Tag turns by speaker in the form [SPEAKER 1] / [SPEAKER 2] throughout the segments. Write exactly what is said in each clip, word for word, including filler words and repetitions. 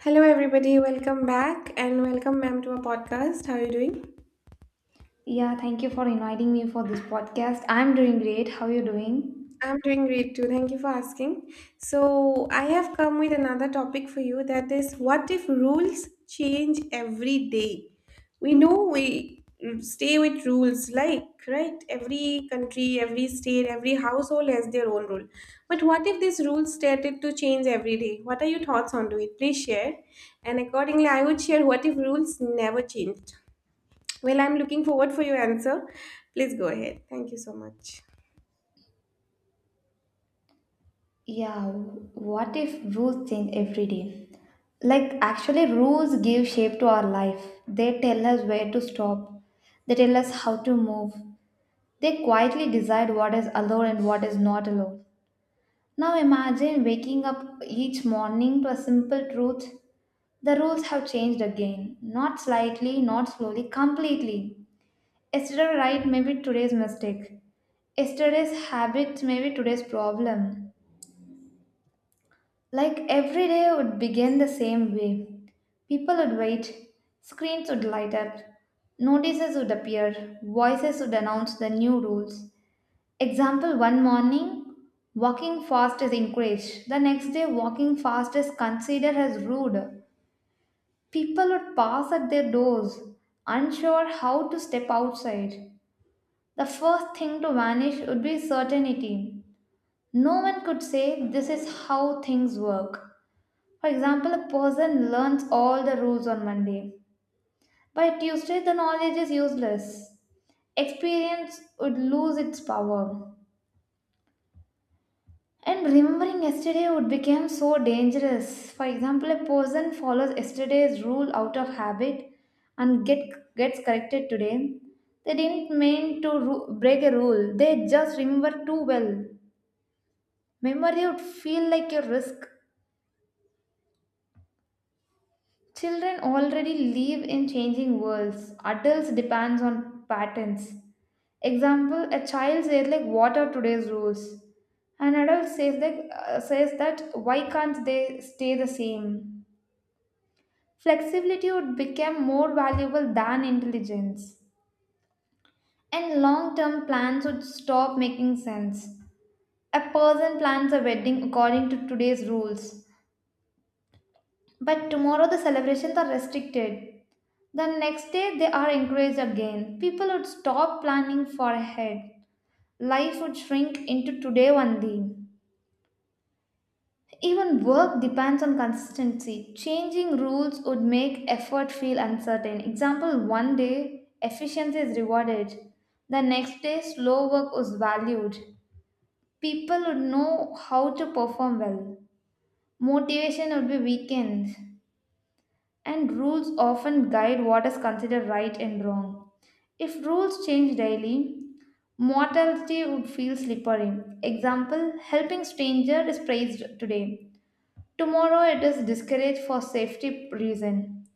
[SPEAKER 1] Hello, everybody. Welcome back and welcome, ma'am, to our podcast. How are you doing?
[SPEAKER 2] Yeah, thank you for inviting me for this podcast. I'm doing great. How you doing?
[SPEAKER 1] I'm doing great too. Thank you for asking. So, I have come with another topic for you that is, what if rules change every day? We know we stay with rules, like, right? Every country, every state, every household has their own rule. But what if these rules started to change every day? What are your thoughts on to it? Please share. And accordingly, I would share what if rules never changed? Well, I'm looking forward for your answer. Please go ahead. Thank you so much.
[SPEAKER 2] Yeah, what if rules change every day? Like, actually, rules give shape to our life. They tell us where to stop, they tell us how to move. They quietly decide what is allowed and what is not allowed. Now, imagine waking up each morning to a simple truth. The rules have changed again. Not slightly, not slowly, completely. Yesterday, right, maybe today's mistake. Yesterday's habits may be today's problem. Like every day would begin the same way. People would wait, screens would light up, notices would appear, voices would announce the new rules. Example one morning, walking fast is encouraged. The next day, walking fast is considered as rude. People would pass at their doors, unsure how to step outside. The first thing to vanish would be certainty. No one could say this is how things work. For example, a person learns all the rules on Monday. By Tuesday, the knowledge is useless. Experience would lose its power. And remembering yesterday would become so dangerous. For example, a person follows yesterday's rule out of habit and get, gets corrected today. They didn't mean to ru- break a rule, they just remember too well. Memory would feel like a risk. Children already live in changing worlds. Adults depends on patterns. Example, a child says like what are today's rules? An adult says like uh, says that why can't they stay the same? Flexibility would become more valuable than intelligence. And long-term plans would stop making sense. A person plans a wedding according to today's rules, but tomorrow the celebrations are restricted. The next day, they are encouraged again. People would stop planning far ahead. Life would shrink into today only. Even work depends on consistency. Changing rules would make effort feel uncertain. Example one day, efficiency is rewarded. The next day, slow work was valued. People would know how to perform well. Motivation would be weakened. And rules often guide what is considered right and wrong. If rules change daily, mortality would feel slippery. Example, helping stranger is praised today. Tomorrow it is discouraged for safety reason.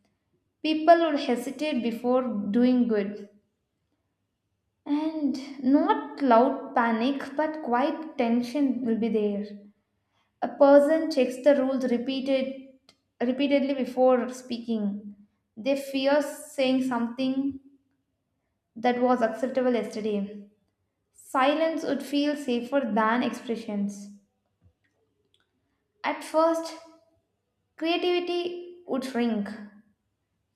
[SPEAKER 2] People would hesitate before doing good. And not loud panic but quiet tension will be there. A person checks the rules repeated repeatedly before speaking. They fear saying something that was acceptable yesterday. Silence would feel safer than expressions. At first, creativity would shrink.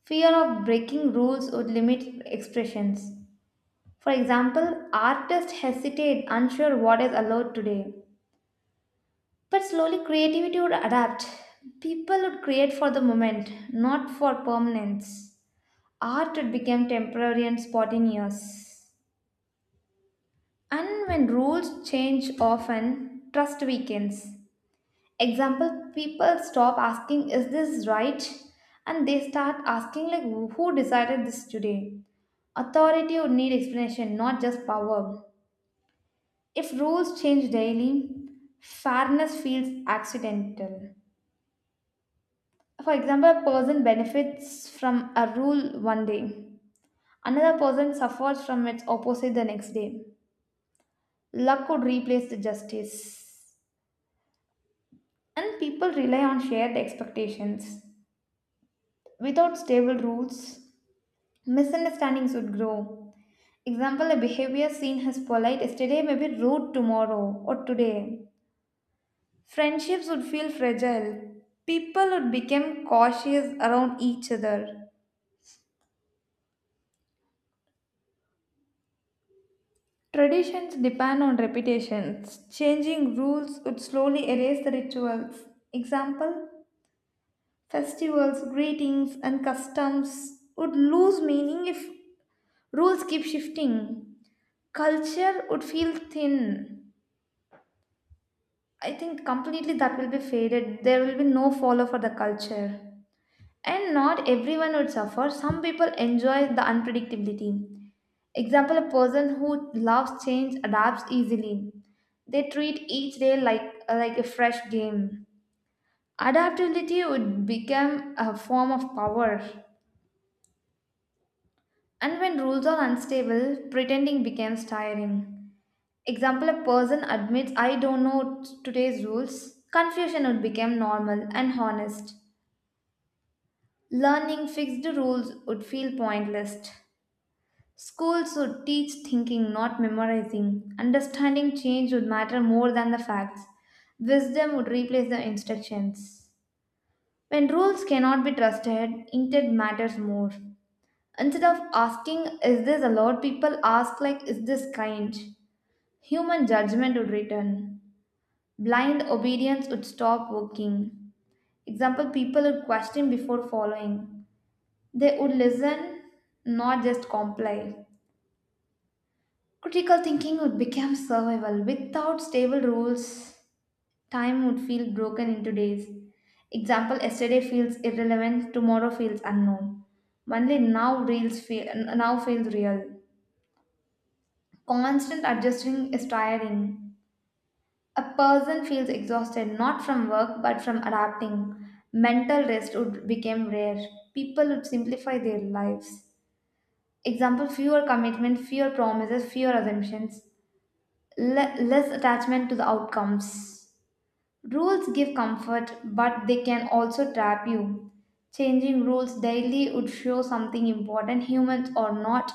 [SPEAKER 2] Fear of breaking rules would limit expressions. For example, artists hesitate, unsure what is allowed today. But slowly, creativity would adapt. People would create for the moment, not for permanence. Art would become temporary and spontaneous. And when rules change often, trust weakens. Example, people stop asking, is this right? And they start asking, like, who decided this today? Authority would need explanation, not just power. If rules change daily, fairness feels accidental. For example, a person benefits from a rule one day, another person suffers from its opposite the next day. Luck could replace the justice. And people rely on shared expectations. Without stable rules, misunderstandings would grow. Example, a behavior seen as polite yesterday may be rude tomorrow or today. Friendships would feel fragile. People would become cautious around each other. Traditions depend on repetitions. Changing rules would slowly erase the rituals. Example, festivals, greetings, and customs would lose meaning if rules keep shifting. Culture would feel thin. I think completely that will be faded. There will be no follow for the culture. And not everyone would suffer. Some people enjoy the unpredictability. Example, a person who loves change adapts easily. They treat each day like like a fresh game. Adaptability would become a form of power. And when rules are unstable, pretending becomes tiring. Example, a person admits I don't know today's rules. Confusion would become normal and honest. Learning fixed rules would feel pointless. School should teach thinking, not memorizing. Understanding change would matter more than the facts. Wisdom would replace the instructions. When rules cannot be trusted, intent matters more. Instead of asking, is this allowed, people ask, like, is this kind? Human judgment would return. Blind obedience would stop working. Example, people would question before following. They would listen, not just comply. Critical thinking would become survival. Without stable rules, time would feel broken into days. Example yesterday feels irrelevant, tomorrow feels unknown. Only now reels feel now feels real. Constant adjusting is tiring. A person feels exhausted not from work but from adapting. Mental rest would become rare. People would simplify their lives. Example fewer commitment, fewer promises, fewer assumptions, le- less attachment to the outcomes. Rules give comfort, but they can also trap you. Changing rules daily would show something important. Humans are not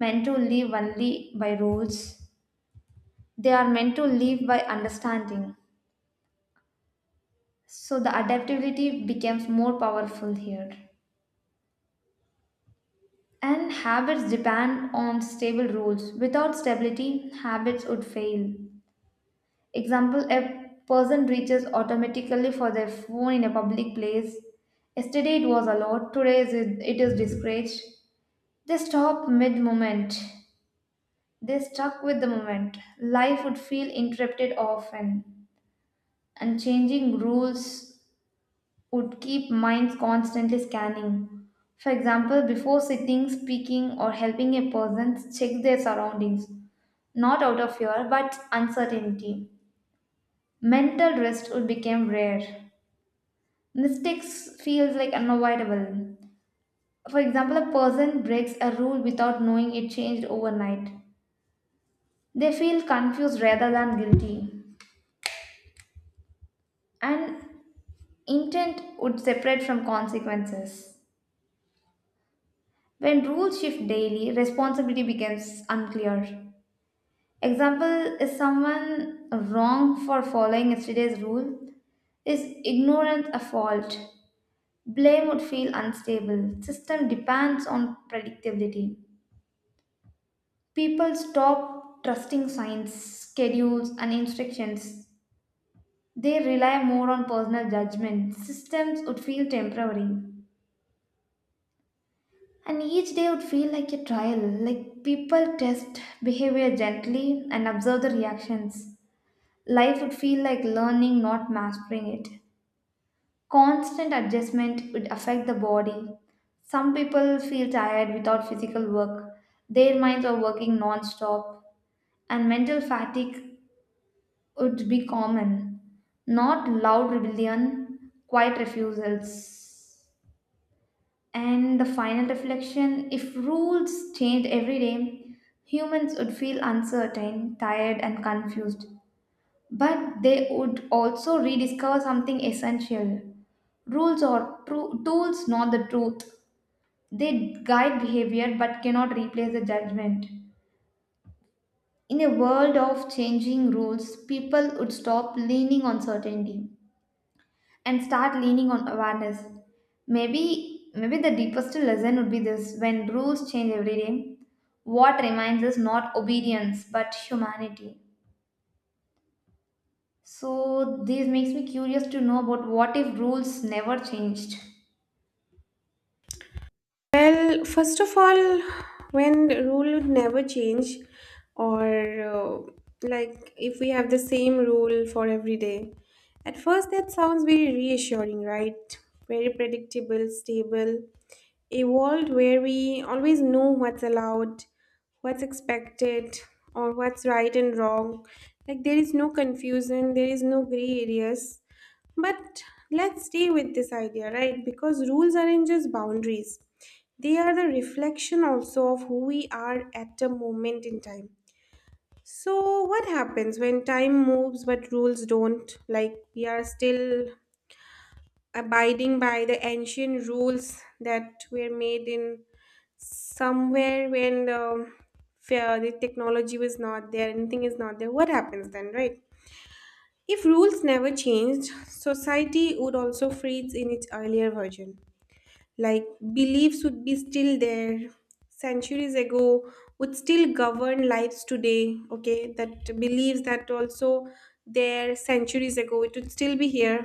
[SPEAKER 2] meant to live only by rules, they are meant to live by understanding. So the adaptability becomes more powerful here. And habits depend on stable rules. Without stability, habits would fail. Example, a person reaches automatically for their phone in a public place. Yesterday it was allowed, today is it is discouraged. They stop mid moment. They stuck with the moment. Life would feel interrupted often, and changing rules would keep minds constantly scanning. For example, before sitting, speaking, or helping a person, check their surroundings, not out of fear but uncertainty. Mental rest would become rare. Mistakes feels like unavoidable. For example, a person breaks a rule without knowing it changed overnight. They feel confused rather than guilty. And intent would separate from consequences. When rules shift daily, responsibility becomes unclear. Example is someone wrong for following yesterday's rule? Is ignorance a fault? Blame would feel unstable. System depends on predictability. People stop trusting signs, schedules, and instructions. They rely more on personal judgment. Systems would feel temporary. And each day would feel like a trial, like people test behavior gently and observe the reactions. Life would feel like learning, not mastering it. Constant adjustment would affect the body. Some people feel tired without physical work. Their minds are working non stop, and mental fatigue would be common. Not loud rebellion, quiet refusals. And the final reflection if rules changed every day, humans would feel uncertain, tired, and confused. But they would also rediscover something essential. Rules are tru- tools, not the truth. They guide behavior but cannot replace the judgment. In a world of changing rules, people would stop leaning on certainty and start leaning on awareness. Maybe maybe the deepest lesson would be this when rules change every day, what remains is not obedience but humanity. So this makes me curious to know about what if rules never changed.
[SPEAKER 1] Well, first of all, when the rule would never change, or uh, like if we have the same rule for every day, at first that sounds very reassuring, right? Very predictable, stable, a world where we always know what's allowed, what's expected, or what's right and wrong. Like there is no confusion, there is no gray areas. But let's stay with this idea, right? Because rules aren't just boundaries, they are the reflection also of who we are at a moment in time. So, what happens when time moves but rules don't? Like, we are still abiding by the ancient rules that were made in somewhere when the, fair- the technology was not there, anything is not there. What happens then, right? If rules never changed, society would also freeze in its earlier version. Like, beliefs would be still there centuries ago would still govern lives today. Okay, that beliefs that also there centuries ago it would still be here.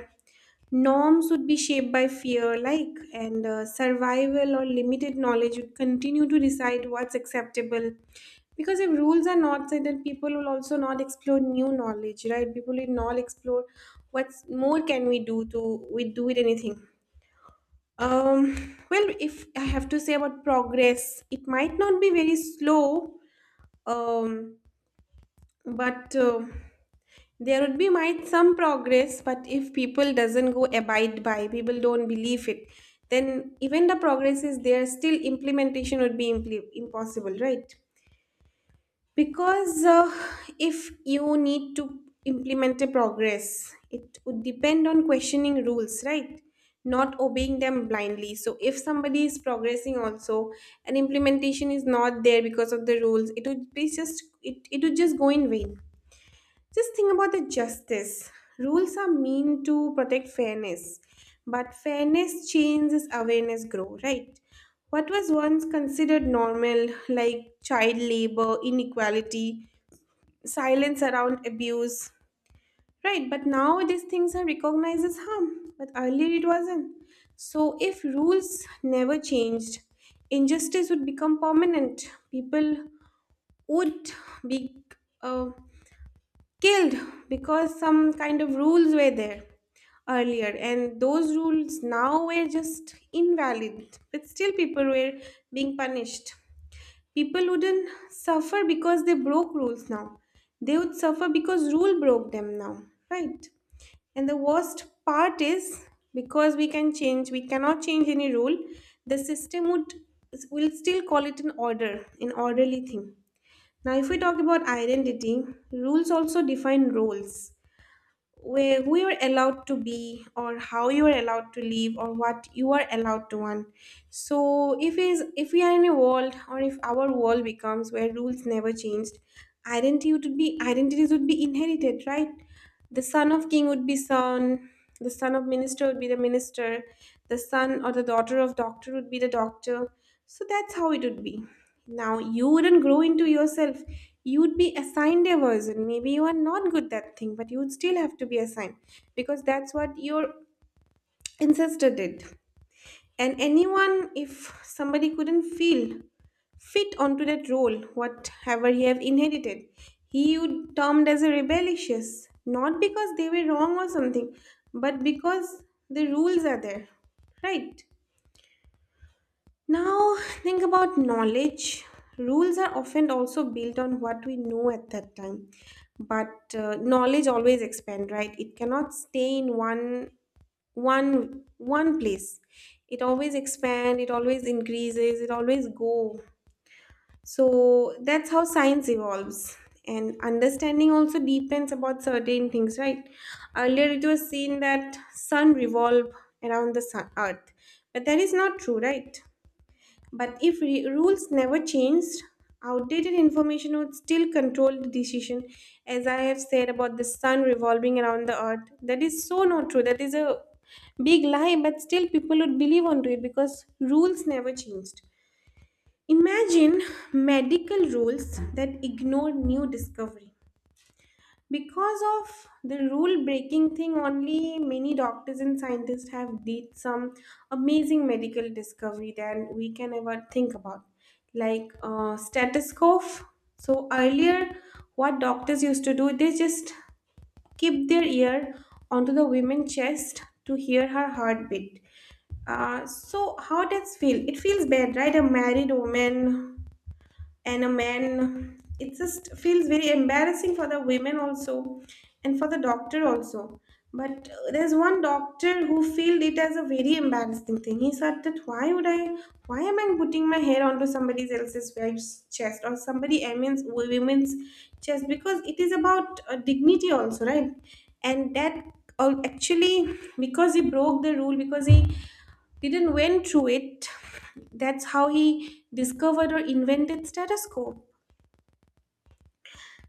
[SPEAKER 1] Norms would be shaped by fear, like, and uh, survival or limited knowledge would continue to decide what's acceptable, because if rules are not set then people will also not explore new knowledge, right? People will not explore what's more can we do to we do with anything. um, well, if I have to say about progress, it might not be very slow, um, but uh, there would be might some progress. But if people doesn't go abide by, people don't believe it, then even the progress is there, still implementation would be impl- impossible, right? Because uh, if you need to implement a progress, it would depend on questioning rules, right? Not obeying them blindly. So if somebody is progressing also and implementation is not there because of the rules, it would be just it, it would just go in vain. Just think about the justice. Rules are meant to protect fairness, but fairness changes awareness grow, right? What was once considered normal, like child labor, inequality, silence around abuse. Right, but now these things are recognized as harm, but earlier it wasn't. So, if rules never changed, injustice would become permanent. People would be uh, killed because some kind of rules were there earlier, and those rules now were just invalid, but still people were being punished. People wouldn't suffer because they broke rules now. They would suffer because rule broke them now, right? And the worst part is because we can change, we cannot change any rule. The system would will still call it an order, an orderly thing. Now, if we talk about identity, rules also define roles where we are allowed to be, or how you are allowed to live, or what you are allowed to want. So if is if we are in a world, or if our world becomes where rules never changed, identity would be identities would be inherited, right? The son of king would be son, the son of minister would be the minister, the son or the daughter of doctor would be the doctor. So that's how it would be. Now, you wouldn't grow into yourself. You'd be assigned a version. Maybe you are not good that thing, but you would still have to be assigned because that's what your ancestor did. And anyone, if somebody couldn't feel fit onto that role, whatever he have inherited, he would termed as a rebellious, not because they were wrong or something, but because the rules are there, right? Now, think about knowledge. Rules are often also built on what we know at that time. But uh, knowledge always expand, right? It cannot stay in one one one place. It always expand, it always increases, it always go. So that's how science evolves. And understanding also depends about certain things, right? Earlier it was seen that sun revolve around the sun, earth. But that is not true, right? But if re- rules never changed, outdated information would still control the decision. As I have said about the sun revolving around the earth, that is so not true. That is a big lie, but still people would believe onto it because rules never changed. Imagine medical rules that ignore new discovery. Because of the rule breaking thing, only many doctors and scientists have did some amazing medical discovery that we can ever think about, like uh, stethoscope. So earlier, what doctors used to do, they just keep their ear onto the women's chest to hear her heartbeat. Uh, so how does feel? It feels bad, right? A married woman and a man, it just feels very embarrassing for the women also and for the doctor also. But uh, there's one doctor who felt it as a very embarrassing thing. He said that why would i why am I putting my hair onto somebody else's wife's chest or somebody else's women's chest, because it is about uh, dignity also, right? And that uh, actually because he broke the rule, because he didn't went through it, that's how he discovered or invented status quo.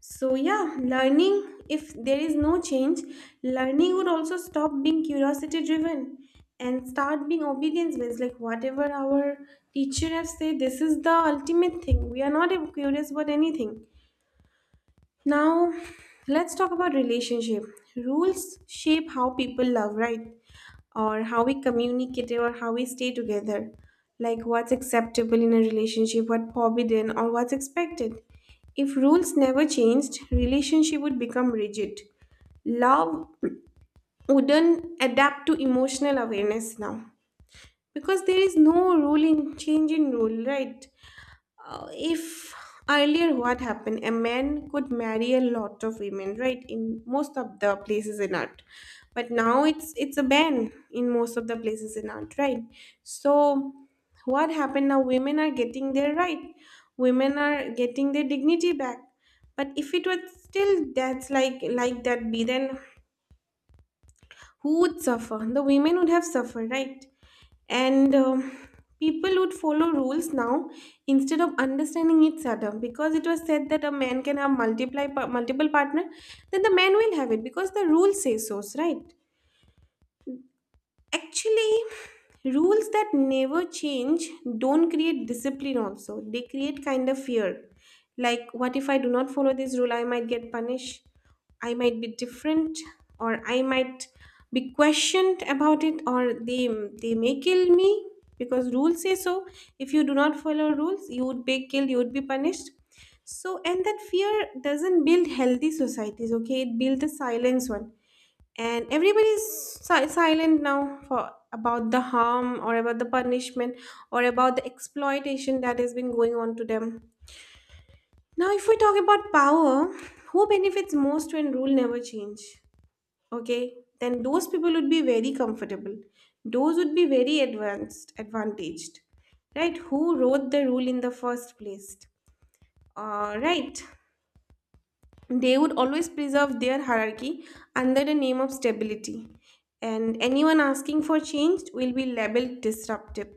[SPEAKER 1] So yeah, learning, if there is no change, learning would also stop being curiosity driven and start being obedience based, like whatever our teacher has said, this is the ultimate thing, we are not curious about anything. Now, let's talk about relationship. Rules shape how people love, right? Or how we communicate or how we stay together. Like what's acceptable in a relationship, what forbidden, or what's expected. If rules never changed, relationship would become rigid. Love wouldn't adapt to emotional awareness now, because there is no rule in change in rule, right? uh, if earlier what happened, a man could marry a lot of women, right, in most of the places in art, but now it's it's a ban in most of the places in art, right? So what happened now, women are getting their right, women are getting their dignity back. But if it was still that's like like that be, then who would suffer? The women would have suffered, right? And um, people would follow rules now instead of understanding each other, because it was said that a man can have multiply pa- multiple partner, then the man will have it because the rule says so, right? Actually, rules that never change don't create discipline, also. They create kind of fear. Like, what if I do not follow this rule? I might get punished, I might be different, or I might be questioned about it, or they, they may kill me because rules say so. If you do not follow rules, you would be killed, you would be punished. So, and that fear doesn't build healthy societies, okay? It builds a silence one, and everybody's si- silent now for about the harm, or about the punishment, or about the exploitation that has been going on to them. Now, if we talk about power, who benefits most when rule never change? Okay, then those people would be very comfortable, those would be very advanced, advantaged, right, who wrote the rule in the first place. uh, right. They would always preserve their hierarchy under the name of stability. And anyone asking for change will be labeled disruptive.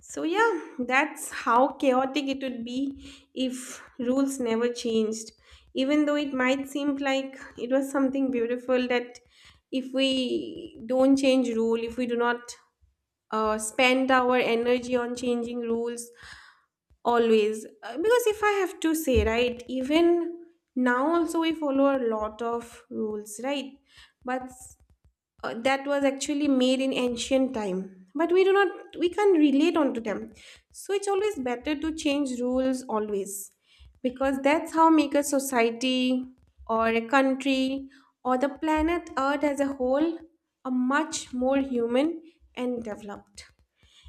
[SPEAKER 1] So, yeah, that's how chaotic it would be if rules never changed. Even though it might seem like it was something beautiful, that if we don't change rule, if we do not uh, spend our energy on changing rules, always. Uh, Because if I have to say, right, even now also we follow a lot of rules, right? But uh, that was actually made in ancient time. But we do not, we can't relate onto them. So it's always better to change rules always, because that's how make a society or a country or the planet Earth as a whole a much more human and developed.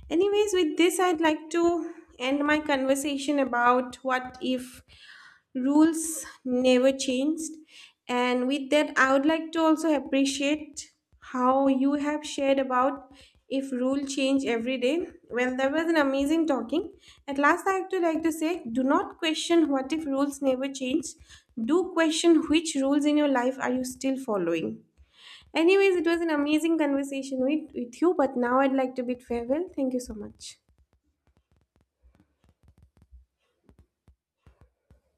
[SPEAKER 1] Anyways, with this, I'd like to end my conversation about what if rules never changed. And with that, I would like to also appreciate how you have shared about if rule change every day. Well, that was an amazing talking. At last, I would like to say, do not question what if rules never changed. Do question which rules in your life are you still following. Anyways, it was an amazing conversation with, with you, but now I'd like to bid farewell. Thank you so much.